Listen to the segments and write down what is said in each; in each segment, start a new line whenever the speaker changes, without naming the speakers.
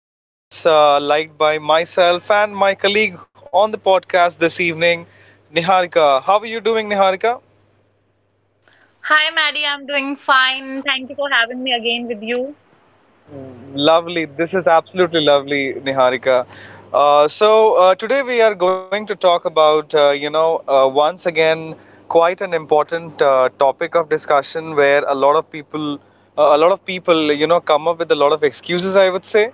and of course, liked by myself and my colleague on the podcast this evening, Niharika. How are you doing, Niharika?
Hi, Maddie. I'm doing fine. Thank you for having me again with you.
Lovely. This is absolutely lovely, Niharika. So today we are going to talk about, once again, quite an important topic of discussion where a lot of people, you know, come up with a lot of excuses, I would say.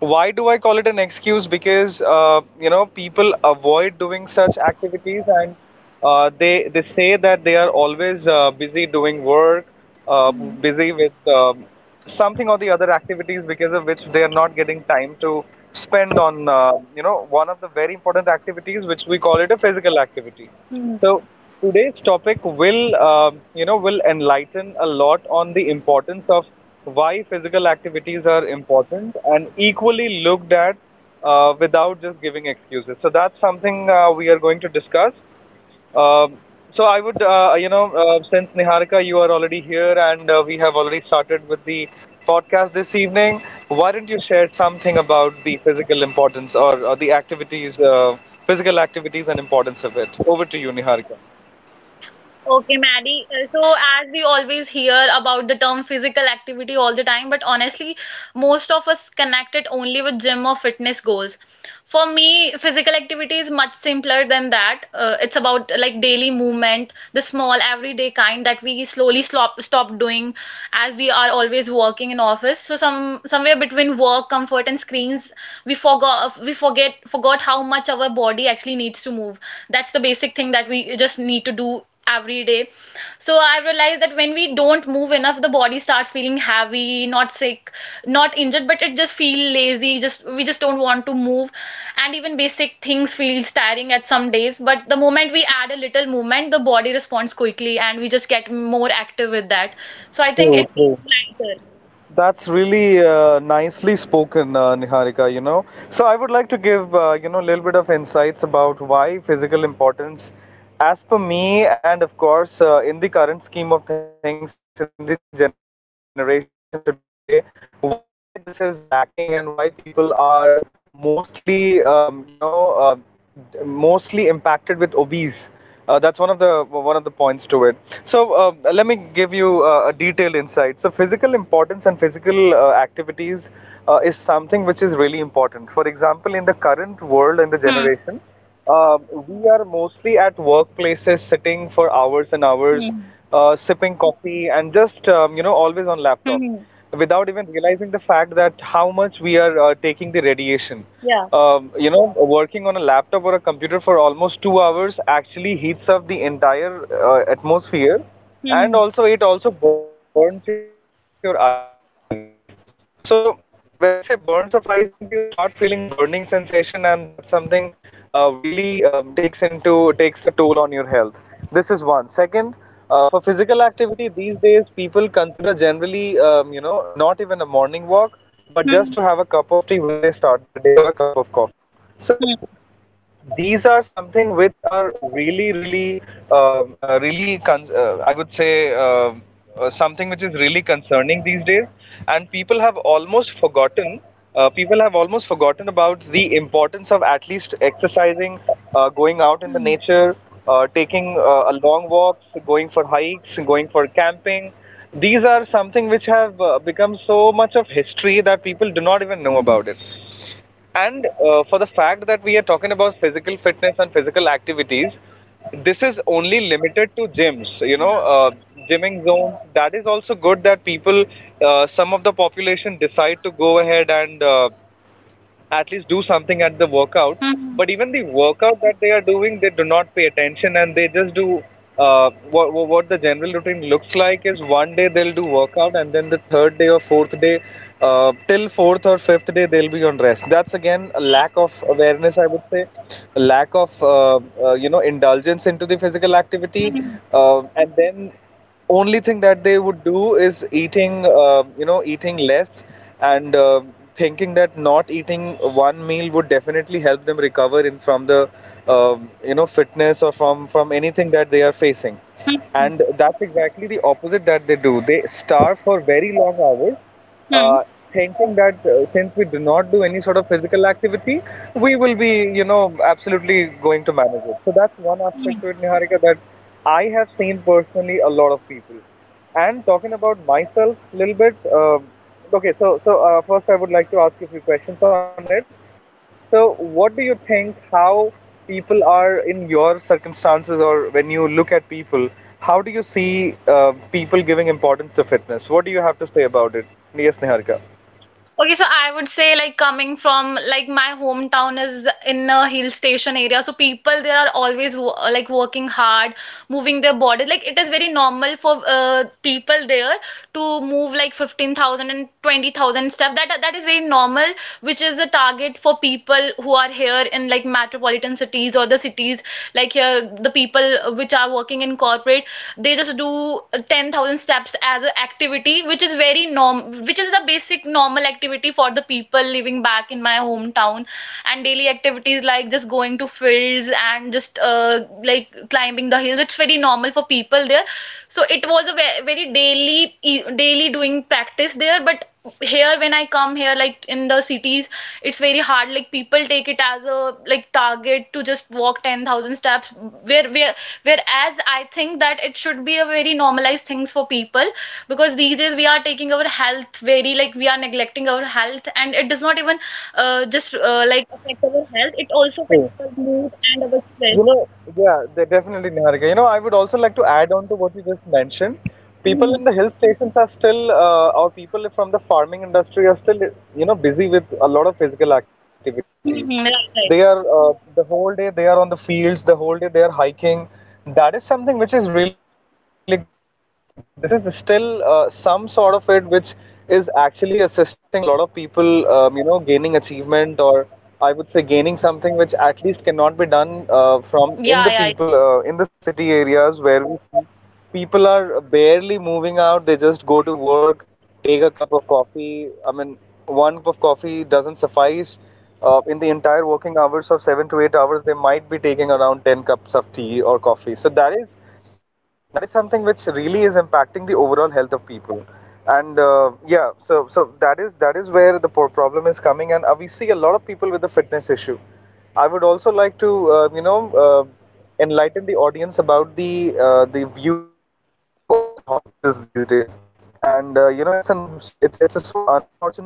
Why do I call it an excuse? Because you know, people avoid doing such activities, and they say that they are always busy doing work, uh, busy with something or the other activities because of which they are not getting time to spend on you know, one of the very important activities which we call it a physical activity.
Hmm.
So today's topic will will enlighten a lot on the importance of why physical activities are important and equally looked at without just giving excuses. So that's something we are going to discuss. Um, so I would, since Niharika, you are already here and we have already started with the podcast this evening, why don't you share something about the physical importance or the activities, physical activities and importance of it? Over to you, Niharika.
Okay, Maddie. So, as we always hear about the term physical activity all the time, but honestly, most of us connect it only with gym or fitness goals. For me, physical activity is much simpler than that. It's about like daily movement, the small everyday kind that we slowly stop doing. As we are always working in office, so somewhere between work comfort and screens, we forgot we forget forgot how much our body actually needs to move. That's the basic thing that we just need to do every day. So I realized that when we don't move enough, the body starts feeling heavy, not sick, not injured, but it just feel lazy. Just we just don't want to move, and even basic things feels tiring at some days. But the moment we add a little movement, the body responds quickly, and we just get more active with that. So I think
True,
it
true.
feels
That's really nicely spoken, Niharika, you know. So I would like to give, you know, a little bit of insights about why physical importance, as per me, and of course, in the current scheme of things, in the generation today, why this is lacking and why people are mostly, um, you know, uh, mostly impacted with obese. That's one of the points to it. So let me give you a detailed insight. So physical importance and physical activities is something which is really important. For example, in the current world, in the generation,
lighter. Hmm.
we are mostly at workplaces sitting for hours and hours,
Hmm.
sipping coffee and just always on laptop,
Hmm.
without even realizing the fact that how much we are taking the radiation. Working on a laptop or a computer for almost 2 hours actually heats up the entire atmosphere, and also it also burns your eyes. So when I say burns of eyes, means you start feeling burning sensation, and that's something really takes into takes a toll on your health. This is one. Second, for physical activity these days, people consider generally, not even a morning walk, but just to have a cup of tea when they
Hmm.
start their day or a cup of coffee. So these
Hmm.
are something which are really really really con- I would say something which is really concerning these days, and people have almost forgotten people have almost forgotten about the importance of at least exercising, going out in the nature, taking a long walks, going for hikes, going for camping. These are something which have become so much of history that people do not even know about it, and for the fact that we are talking about physical fitness and physical activities, this is only limited to gyms, you know, gymming zones. That is also good that people, some of the population, decide to go ahead and at least do something at the workout.
Hmm.
But even the workout that they are doing, they do not pay attention and they just do. What the general routine looks like is one day they'll do workout and then the third day or fourth day, till fourth or fifth day they'll be on rest. That's again a lack of awareness, I would say, a lack of indulgence into the physical activity,
Hmm.
and then only thing that they would do is eating, eating less, and thinking that not eating one meal would definitely help them recover in from the fitness or from anything that they are facing.
Hmm.
And that's exactly the opposite that they do: they starve for very long hours,
Hmm.
uh, thinking that since we do not do any sort of physical activity, we will be, you know, absolutely going to manage it. So that's one
Hmm.
aspect to it, Niharika, that I have seen personally a lot of people, and talking about myself a little bit, okay, so first I would like to ask you a few questions on it. So, what do you think, how people are in your circumstances, or when you look at people, how do you see people giving importance to fitness? What do you have to say about it? Yes, Niharika.
Okay, so I would say, like, coming from, like, my hometown is in a hill station area. So people there are always like working hard, moving their body. Like it is very normal for people there to move like 15,000 and 20,000 and steps. That is very normal, which is a target for people who are here in like metropolitan cities, or the cities like here, the people which are working in corporate, they just do 10,000 steps as an activity, which is very norm, which is the basic normal activity for the people living back in my hometown. And daily activities like just going to fields and just like climbing the hills, it's very normal for people there. So it was a very daily, daily doing practice there. But here, when I come here like in the cities, it's very hard. Like people take it as a like target to just walk 10,000 steps, where where whereas I think that it should be a very normalized things for people, because these days we are taking our health very, like, we are neglecting our health, and it does not even just like affect our health, it also affects our mood and our stress,
You
like,
know, yeah, they definitely, Niharika. You know, I would also like to add on to what you just mentioned.
Mhm.
People in the hill stations are still, or people from the farming industry are still, you know, busy with a lot of physical
Mhm. Right,
activities.
right.
They are, the whole day they are on the fields, the whole day they are hiking. That is something which is really good. That this is still some sort of it which is actually assisting a lot of people, gaining achievement, or I would say gaining something which at least cannot be done from in
Yeah,
the
yeah, yeah.
people in the city areas, where we see people are barely moving out. They just go to work, take a cup of coffee. I mean, one cup of coffee doesn't suffice. In the entire working hours of 7 to 8 hours, they might be taking around 10 cups of tea or coffee. So that is something which really is impacting the overall health of people, and yeah, so that is where the problem is coming, and we see a lot of people with the fitness issue. I would also like to uh, enlighten the audience about the view of the hospitals these days. And it's an it's a so unfortunate incident that,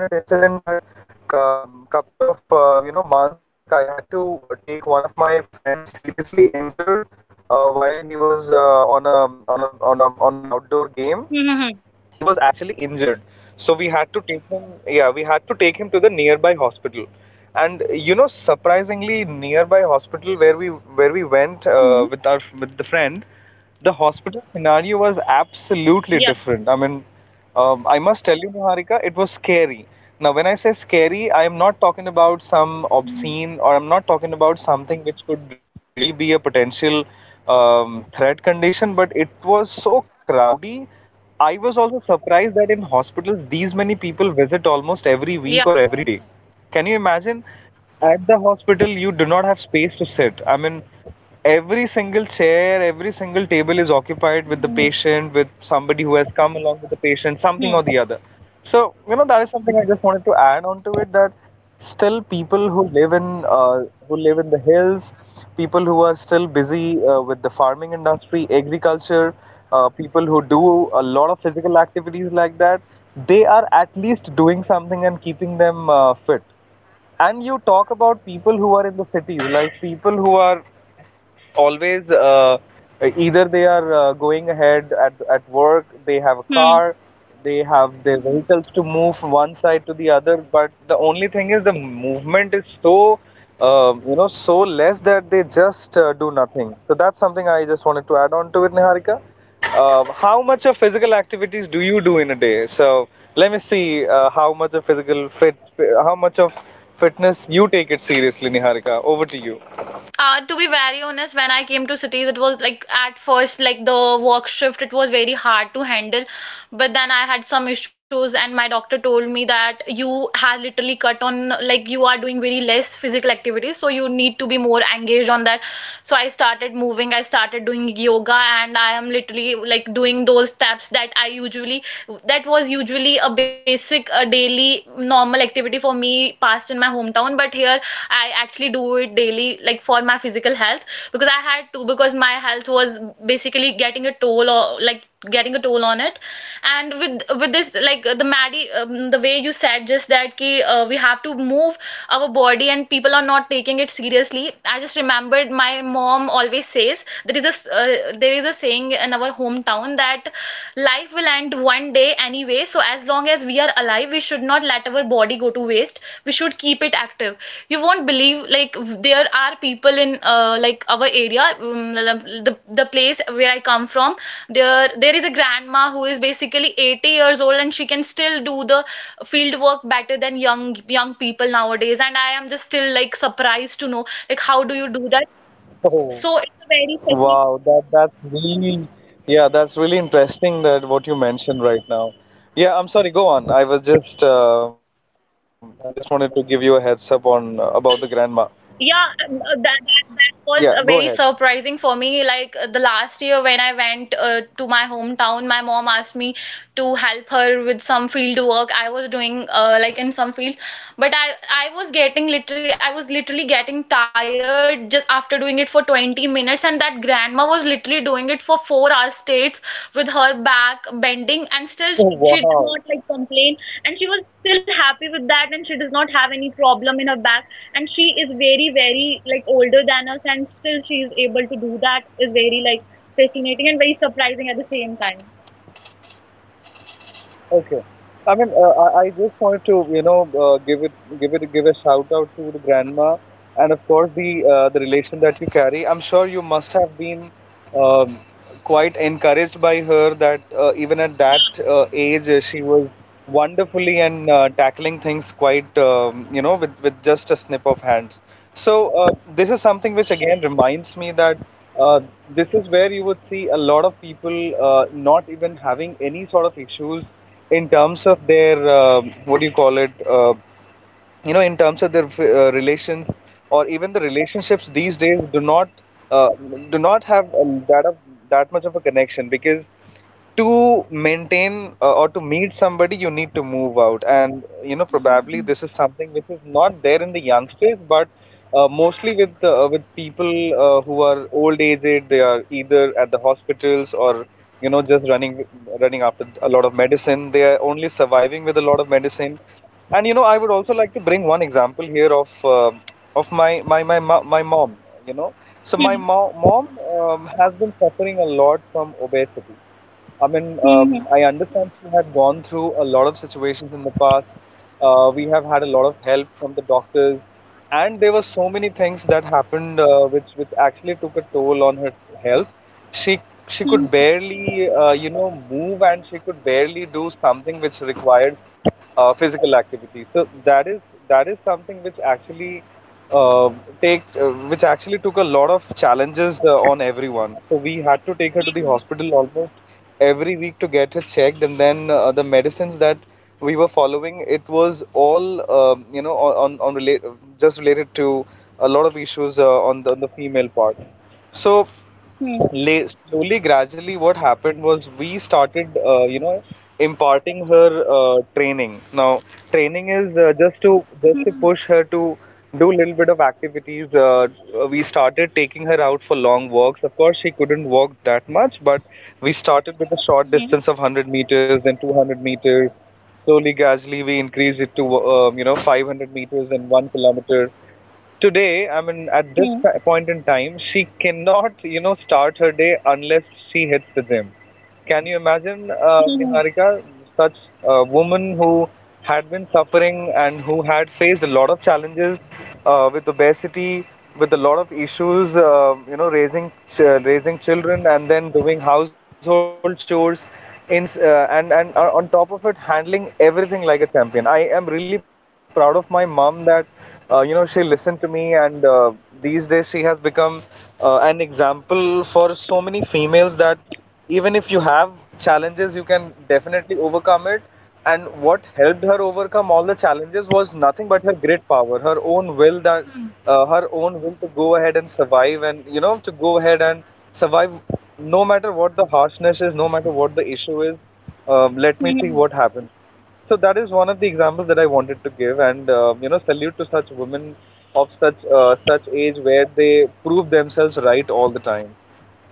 couple of months back, I had to take one of my friends seriously injured while he was on an outdoor game. He was
Mhm.
actually injured, so we had to take him, yeah, we had to take him to the nearby hospital. And you know, surprisingly, nearby hospital where we went, with our,
Mhm.
with the friend, the hospital scenario was absolutely
Yeah,
different. I mean, I must tell you, Niharika, it was scary. Now, when I say scary, I am not talking about some obscene, or I'm not talking about something which could really be a potential threat condition, but it was so crowdy. I was also surprised that in hospitals, these many people visit almost every week
yeah.
or every day. Can you imagine? At the hospital, you do not have space to sit. I mean, every single chair, every single table is occupied with the patient, with somebody who has come along with the patient, something or the other. So, you know, that is something I just wanted to add on to it, that still people who live in the hills, people who are still busy with the farming industry, agriculture, people who do a lot of physical activities like that, they are at least doing something and keeping them fit. And you talk about people who are in the cities, like people who are always either they are going ahead at work, they have a car, they have their vehicles to move from one side to the other, but the only thing is the movement is so so less that they just do nothing. So that's something I just wanted to add on to it, Niharika. How much of physical activities do you do in a day? So let me see, how much of physical fit how much of fitness you take it seriously, Niharika. Over to you.
To be very honest, when I came to cities, it was like at first, like the work shift, it was very hard to handle. But then I had some issues, and my doctor told me that you have literally cut on, like, you are doing very less physical activity, so you need to be more engaged on that. So I started moving, I started doing yoga, and I am literally like doing those steps that I usually, that was usually a basic, a daily normal activity for me passed in my hometown, but here I actually do it daily like for my physical health, because I had to, because my health was basically getting a toll, or like getting a toll on it. And with this, like, the Maddie, the way you said just that ki, we have to move our body and people are not taking it seriously. I just remembered my mom always says, uh, there is a saying in our hometown that life will end one day anyway. So as long as we are alive, we should not let our body go to waste. We should keep it active. You won't believe, like, there are people in like our area, the place where I come from, there is a grandma who is basically 80 years old, and she can still do the field work better than young, young people nowadays, and I am just still like surprised to know, like, how do you do that?
Oh.
So it's
Wow, that's really, yeah, that's really interesting, that what you mentioned right now. Yeah, I'm sorry, go on. I was just I just wanted to give you a heads up on about the grandma.
Yeah, that,
Yeah,
that
go
that
ahead.
was very surprising for me. Like, the last year when I went to my hometown, my mom asked me to help her with some field work. I was doing like in some fields, but I was literally getting tired just after doing it for 20 minutes, and that grandma was literally doing it for 4 hours straight with her back bending, and still she,
Oh,
she did
wow.
not like complain, and she was still happy with that, and she does not have any problem in her back, and she is very, very, like, older than us, and still she is able to do that, like, prescribing at the same time.
Okay. I mean, I just wanted to, give it, give it, give a shout out to the grandma, and of course the relation that you carry. I'm sure you must have been um, quite encouraged by her that even at that age, she was wonderfully and tackling things quite, with just a snip of hands. So this is something which again reminds me that uh, this is where you would see a lot of people, not even having any sort of issues in terms of their what do you call it uh, you know in terms of their relations, or even the relationships these days do not, uh, do not have that much of a connection, because to maintain, or to meet somebody, you need to move out. And you know, probably this is something which is not there in the youngsters. But mostly with people who are old aged, they are either at the hospitals, or you know, just running after a lot of medicine. They are only surviving with a lot of medicine. And you know, I would also like to bring one example here of my mom, you know. So
Hmm.
my mo mom, has been suffering a lot from obesity. I mean,
Hmm.
I understand she had gone through a lot of situations in the past. We have had a lot of help from the doctors, and there were so many things that happened, which actually took a toll on her health. She
Hmm.
could barely, move, and she could barely do something which requires physical activity. So that is something which actually, uh, take which actually took a lot of challenges on everyone. So we had to take her to the hospital almost every week to get her checked, and then the medicines that we were following, it was all on relate just related to a lot of issues on the female part. So
Hmm.
slowly, gradually, what happened was we started, imparting her training. Now, training is
Hmm.
just to push her to do a little bit of activities. We started taking her out for long walks. Of course, she couldn't walk that much, but we
Hmm.
started with a short distance of 100 meters, then 200 meters. Slowly, gradually, we increased it to, 500 meters and 1 kilometer. Today, I
Hmm.
mean at this point in time, she cannot, you know, start her day unless she hits the gym. Can you
Hmm.
imagine, Niharika? Such a woman who had been suffering and who had faced a lot of challenges with obesity, with a lot of issues, raising raising children, and then doing household chores and on top of it handling everything like a champion. I am really proud of my mom that, you know, she listened to me. And these days she has become an example for so many females that even if you have challenges, you can definitely overcome it. And what helped her overcome all the challenges was nothing but her great power, her own will, that, her own will to go ahead and survive, and you know, to go ahead and survive, no matter what the harshness is, no matter what the issue is. Let me see what happens. So that is one of the examples that I wanted to give, and you know, salute to such women of such age, where they prove themselves right all the time.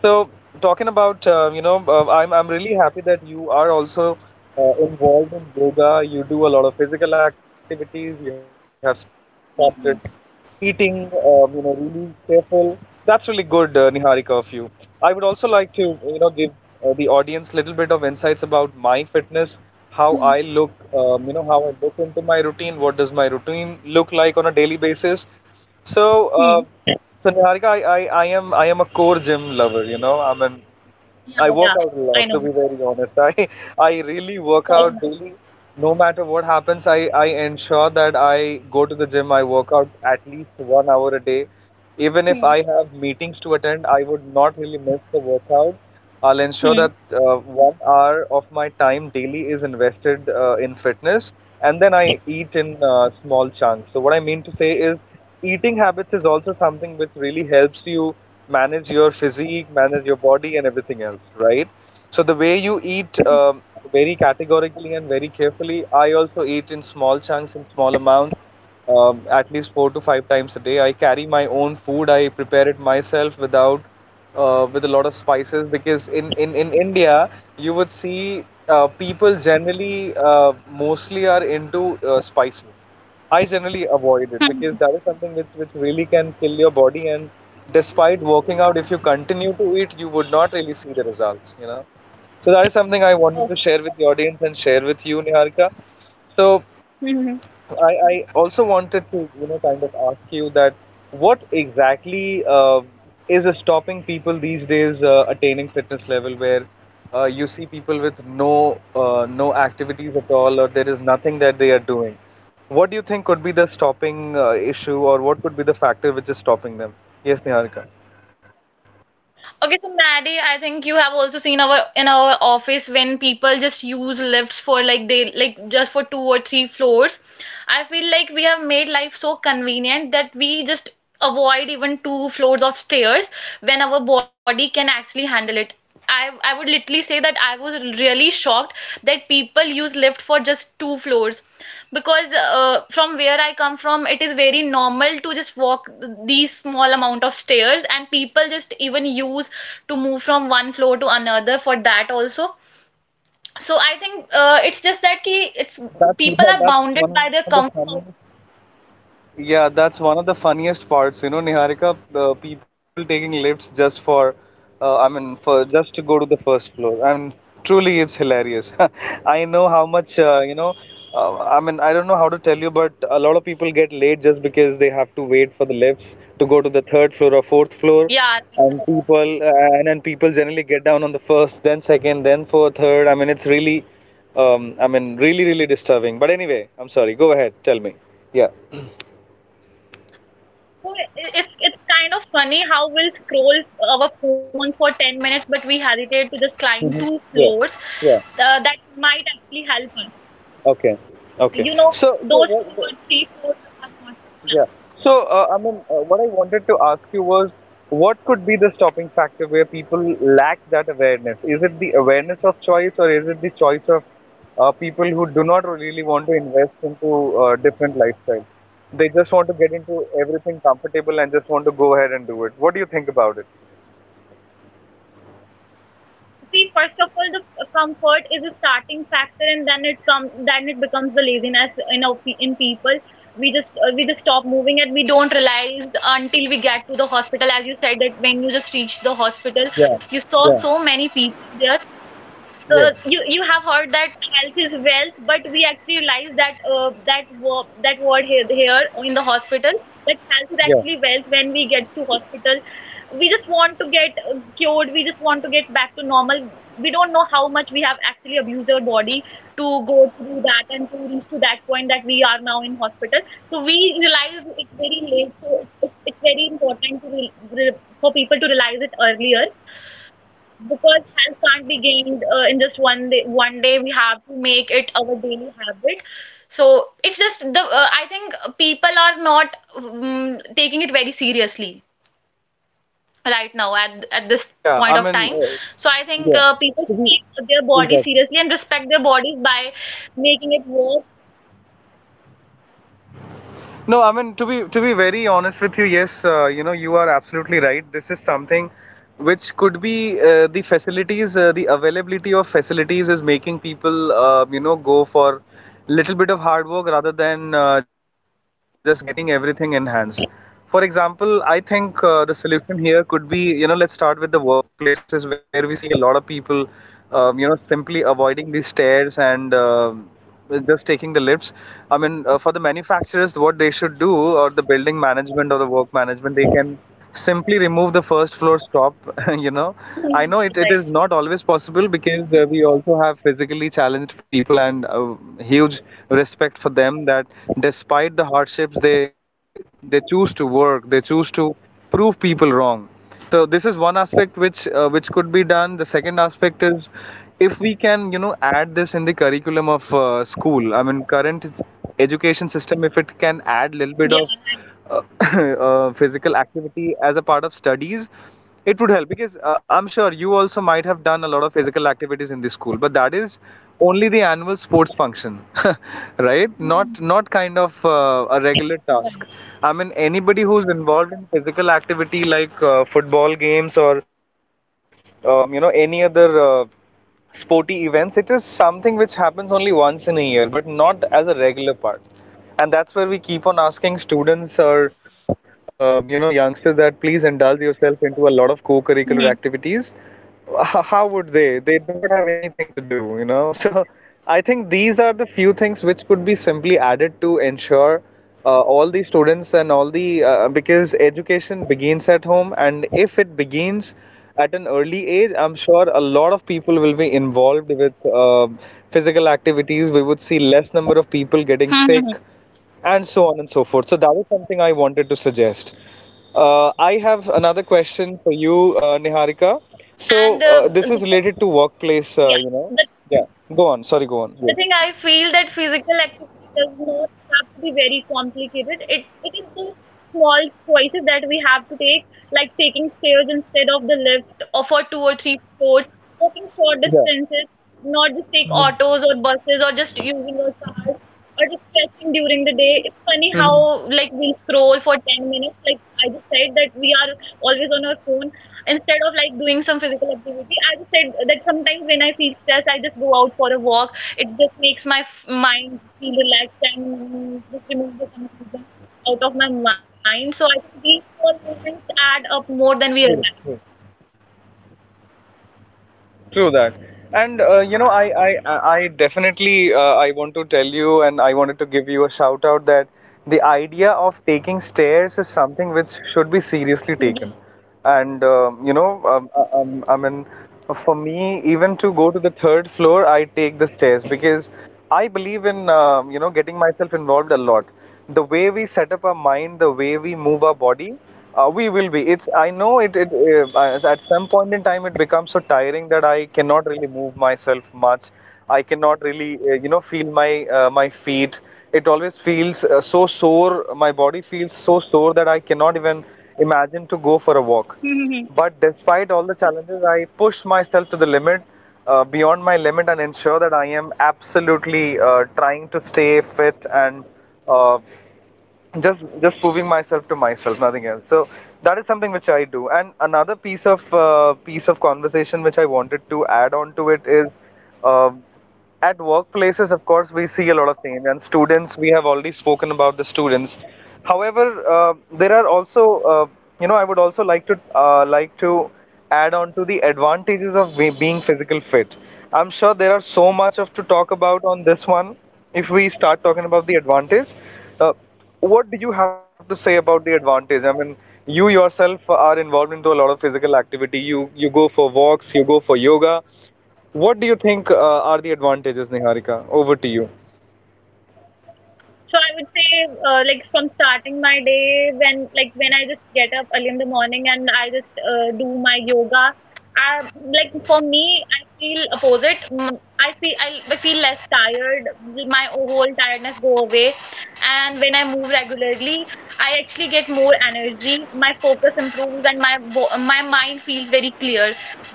So, talking about, I'm really happy that you are also involved in yoga. You do a lot of physical activities. You have started
Hmm.
eating, really careful. That's really good, Niharika, of you. I would also like to, you know, give the audience little bit of insights about my fitness, how I
Hmm.
look, how I look into my routine. What does my routine look like on a daily basis? So,
Hmm.
so Niharika, I am a core gym lover. You know,
Yeah,
I
yeah,
work out a
I know,
lot, to be very honest. I I really work
Diana.
out daily. No matter what happens, I ensure that I go to the gym. I work out at least 1 hour a day.
Hmm.
Even if I have meetings to attend, I would not really miss the workout. I'll
Hmm.
ensure that 1 hour of my time daily is invested in fitness, and then I eat in small chunks. So what I mean to say is, eating habits is also something which really helps you manage your physique, manage your body, and everything else, right? So the way you eat, very categorically and very carefully. I also eat in small chunks, in small amounts, at least 4 to 5 times a day. I carry my own food. I prepare it myself without, with a lot of spices, because in India you would see people generally, mostly, are into spices. I generally avoid it
Hmm.
because that is something which really can kill your body. And despite working out, if you continue to eat, you would not really see the results, you know. So that is something I
Oh.
wanted to share with the audience and share with you, Niharika. So
Hmm.
I also wanted to, you know, kind of ask you that, what exactly is stopping people these days attaining fitness level, where you see people with no activities at all, or there is nothing that they are doing. What do you think could be the stopping issue, or what could be the factor which is stopping them? Yes, Niharika.
Okay, so Maddie, I think you have also seen our in our office, when people just use lifts for like they like just for two or three floors. I feel like we have made life so convenient that we just avoid even two floors of stairs when our body can actually handle it. I would literally say that I was really shocked that people use lift for just two floors, because from where I come from, it is very normal to just walk these small amount of stairs, and people just even use to move from one floor to another, for that also. So I think it's just that ki, it's, people
That's
are bounded
that's
by
one of
their
the funniest.
comfort.
Yeah, that's one of the funniest parts, you know, Niharika, the people taking lifts just for, for just to go to the first floor, and truly it's hilarious. I know how much, I mean, I don't know how to tell you, but a lot of people get late just because they have to wait for the lifts to go to the third floor or fourth floor,
Yeah,
and
right, right.
people, and then people generally get down on the first, then second, then fourth, third. I mean, it's really, really, really disturbing. But anyway, I'm sorry. Go ahead, tell me. Yeah.
So it's kind of funny how we'll scroll our phone for 10 minutes, but we hesitate to just climb
Hmm.
two
Yeah,
floors
yeah.
that might actually help us.
Okay, okay.
You know,
So, so
those two
what?
or three floors are not enough.
Yeah. So, what I wanted to ask you was, what could be the stopping factor, where people lack that awareness? Is it the awareness of choice, or is it the choice of people who do not really want to invest into different lifestyle? They just want to get into everything comfortable and just want to go ahead and do it. What do you think about it?
See, first of all, the comfort is a starting factor, and then it comes, then it becomes the laziness in in people. We just stop moving, and we don't realize until we get to the hospital. As you said, that when you just reach the hospital, you
Yeah,
saw so
yeah,
many people there. You
yes,
have heard that health is wealth, but we actually realize that word here, in the hospital, that health is actually
yeah.
wealth. When we get to hospital, we just want to get cured. We just want to get back to normal. We don't know how much we have actually abused our body to go through that and to reach to that point that we are now in hospital. So we realize it very late. So it's very important to for people to realize it earlier, because health can't be gained in just one day. One day we have to make it our daily habit. So it's just the, I think people are not, taking it very seriously right now at this
Yeah, I
point
mean,
of time. So I
yeah.
think
So,
people should
who-
take their body
Exactly.
seriously and respect their bodies by making it work.
No, I mean, to be very honest with you, yes, you know, you are absolutely right. This is something which could be, the facilities, the availability of facilities is making people, you know, go for little bit of hard work, rather than just getting everything in hands. For example, I think the solution here could be, you know, let's start with the workplaces, where we see a lot of people simply avoiding the stairs and just taking the lifts. I mean, for the manufacturers, what they should do, or the building management or the work management, they can simply remove the first floor stop. You know, I
Mhm.
know
Right,
it, it
right.
is not always possible because we also have physically challenged people, and huge respect for them that despite the hardships, they choose to work, they choose to prove people wrong. So this is one aspect which could be done. The second aspect is, if we can, you know, add this in the curriculum of school. I mean, current education system, if it can add little bit of
Yeah.
uh, physical activity as a part of studies, it would help, because I'm sure you also might have done a lot of physical activities in the school, but that is only the annual sports function, right? Not, not kind of a regular task. I mean, anybody who's involved in physical activity, like football games or any other. Sporty events, it is something which happens only once in a year, but not as a regular part. And that's where we keep on asking students or youngsters that please indulge yourself into a lot of co-curricular
Mhm.
activities. How would they? They do not have anything to do, So I think these are the few things which could be simply added to ensure all the students and all the because education begins at home, and if it begins at an early age, I'm sure a lot of people will be involved with uh, physical activities. We would see less number of people getting
Mhm.
sick and so on and so forth. So that is something I wanted to suggest. I have another question for you, Niharika. So
and
this is
the,
related to workplace,
yeah the
yeah, go on, sorry, go
the
on,
thing I
yes.
feel that physical activity does not have to be very complicated. It is the small choices that we have to take, like taking stairs instead of the lift, or for two or three floors, walking short distances, not just take autos or buses, or just using our cars, or just stretching during the day. It's funny how, like, we scroll for 10 minutes. Like I just said, that we are always on our phone instead of like doing some physical activity. I just said that sometimes when I feel stressed, I just go out for a walk. It just makes my mind feel relaxed and just removes the confusion out of my mind. So I think these small movements add up more than
Yeah.
we realize.
True that. And you know, I definitely I want to tell you, and I wanted to give you a shout out that the idea of taking stairs is something which should be seriously taken.
Yeah.
And for me, even to go to the third floor, I take the stairs because I believe in getting myself involved a lot. The way we set up our mind, the way we move our body, we will be. It's, I know it it at some point in time it becomes so tiring that I cannot really move myself much. I cannot really feel my my feet. It always feels so sore. My body feels so sore that I cannot even imagine to go for a walk.
Mhm.
But despite all the challenges, I push myself to the limit, beyond my limit, and ensure that I am absolutely trying to stay fit and uh, just proving myself to myself, nothing else. So that is something which I do. And another piece of conversation which I wanted to add on to it is. Uh, at workplaces, of course, we see a lot of change, and students, we have already spoken about the students. However, there are also, I would also like to add on to the advantages of being physical fit. I'm sure there are so much of to talk about on this one. If we start talking about the advantage, uh, what do you have to say about the advantage? I mean, you yourself are involved into a lot of physical activity. You go for walks, you go for yoga. What do you think are the advantages, Niharika? Over to you.
So I would say, like, from starting my day, when, like, when I just get up early in the morning and I just do my yoga, I, like, for me, I feel opposite. I feel, I feel less tired. My whole tiredness go away, and when I move regularly, I actually get more energy, my focus improves, and my my mind feels very clear.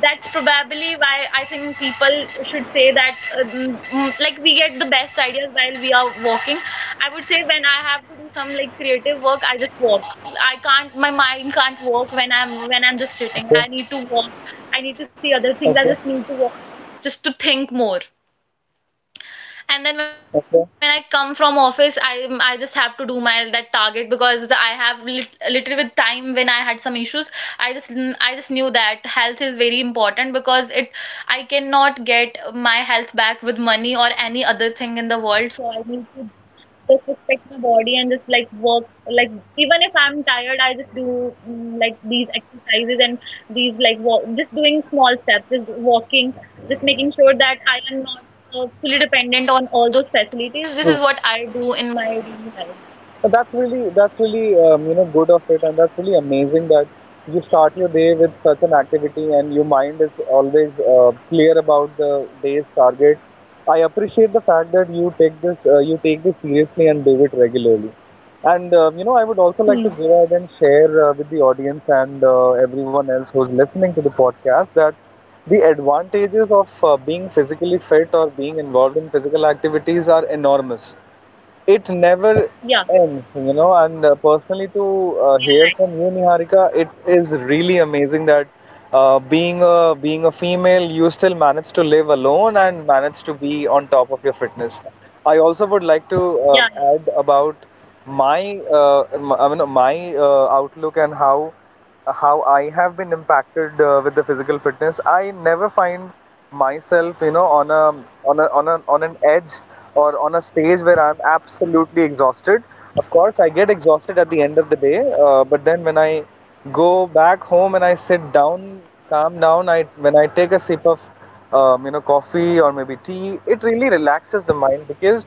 That's probably why I think people should say that, like, we get the best ideas while we are walking. I would say, when I have to do some like creative work, I just walk. I can't, My mind can't work when I'm just sitting. I
Okay,
need to walk. I need to see other things. I just
okay,
need to walk just to think more, and then when I come
okay.
from office, I just have to do my that target, because I have little with time. When I had some issues, i just I just knew that health is very important, because it I cannot get my health back with money or any other thing in the world. So I need to just respect my body and just, like, work. Like, even if I'm tired, I just do, like, these exercises and these, like, walk, just doing small steps, just walking, just making sure that I am not fully dependent on all those facilities. This is what I do in my daily life.
But that's really, that's really good of it, and that's really amazing that you start your day with such an activity, and your mind is always clear about the day's target. I appreciate the fact that you take this seriously and do it regularly. And I would also like to
Hmm.
go ahead and share with the audience and everyone else who's listening to the podcast that the advantages of being physically fit or being involved in physical activities are enormous. It never
Yeah.
ends, And personally, to
Yeah.
hear
Right.
from you, Niharika, it is really amazing that being a being a female, you still manage to live alone and manage to be on top of your fitness. I also would like to
Yeah.
add about my outlook and how I have been impacted with the physical fitness. I never find myself, you know, on a on an edge or on a stage where I'm absolutely exhausted. Of course, I get exhausted at the end of the day, but then when I go back home and I sit down, calm down, I when I take a sip of coffee or maybe tea, it really relaxes the mind because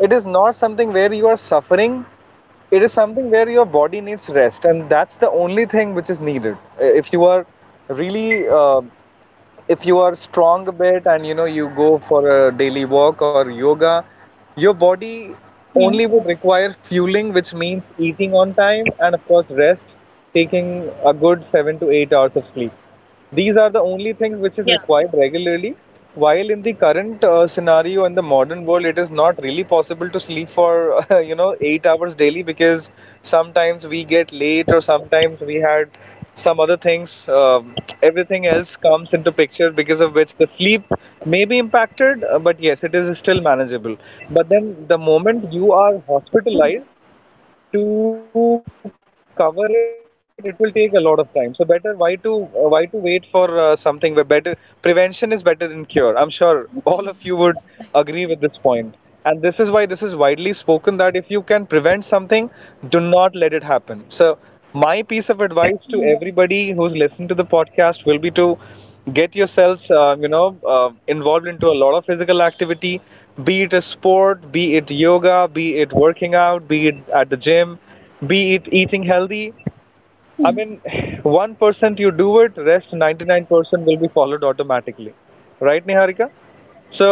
it is not something where you are suffering. It is something where your body needs rest, and that's the only thing which is needed. If you are really if you are strong a bit and you know you go for a daily walk or yoga, your body
Hmm.
only would require fueling, which means eating on time and of course rest, taking a good seven to eight hours of sleep. These are the only things which is
Yeah.
required regularly. While in the current scenario in the modern world, it is not really possible to sleep for eight hours daily because sometimes we get late or sometimes we had some other things. Everything else comes into picture because of which the sleep may be impacted, but yes, it is still manageable. But then the moment you are hospitalized to cover it, it will take a lot of time. So better, why to wait for something where better. Prevention is better than cure. I'm sure all of you would agree with this point. And this is why this is widely spoken that if you can prevent something, do not let it happen. So my piece of advice
Hmm.
to everybody who's listening to the podcast will be to get yourselves involved into a lot of physical activity. Be it a sport, be it yoga, be it working out, be it at the gym, be it eating healthy. I mean, 1% you do it, rest 99% will be followed automatically, right Niharika?
Yeah. Right.
So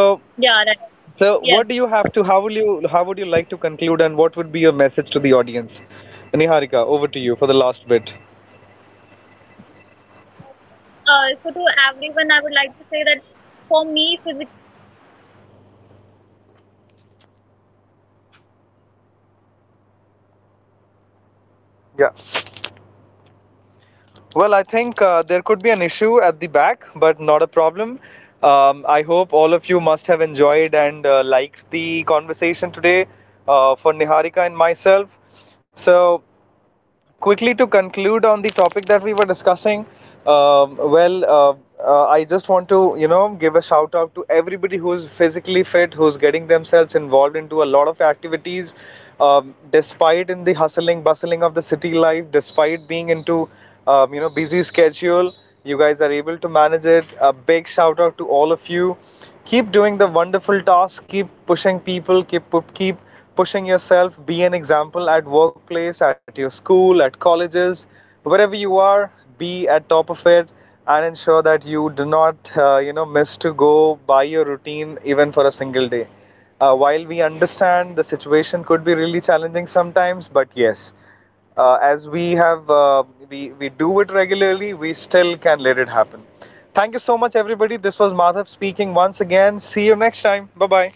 Yes.
so what do you have to, how will you, how would you like to conclude, and what would be your message to the audience, Niharika? Over to you for the last bit.
So to everyone, I would like to say that, for me, physical activity is not about changing my body overnight or following strict routines. It's about respecting my body while I'm
Yeah.
living in it. As my mom always says,
Well,
life
I
is
think
temporary.
there
So
could be
as
an
long
issue
as
at the
we
back,
are
but
here,
not a
we
problem.
should keep our body
I
active
hope
and
all of you
useful.
must
We
have
don't need to
enjoyed
do
and
a lot.
liked the
We just need
conversation
to keep
today
moving.
for Niharika and myself. So, quickly to conclude on the topic that we were discussing, um, well uh, I just want to, you know, give a shout out to everybody who's physically fit, who's getting themselves involved into a lot of activities, despite in the hustling bustling of the city life, despite being into busy schedule, you guys are able to manage it. A big shout out to all of you. Keep doing the wonderful task. Keep pushing people. Keep pushing yourself. Be an example at workplace, at your school, at colleges, wherever you are. Be at top of it. And ensure that you do not miss to go by your routine even for a single day. While we understand the situation could be really challenging sometimes, but yes, as we have we do it regularly, we still can let it happen. Thank you so much, everybody. This was Madhav speaking. Once again, see you next time. Bye bye.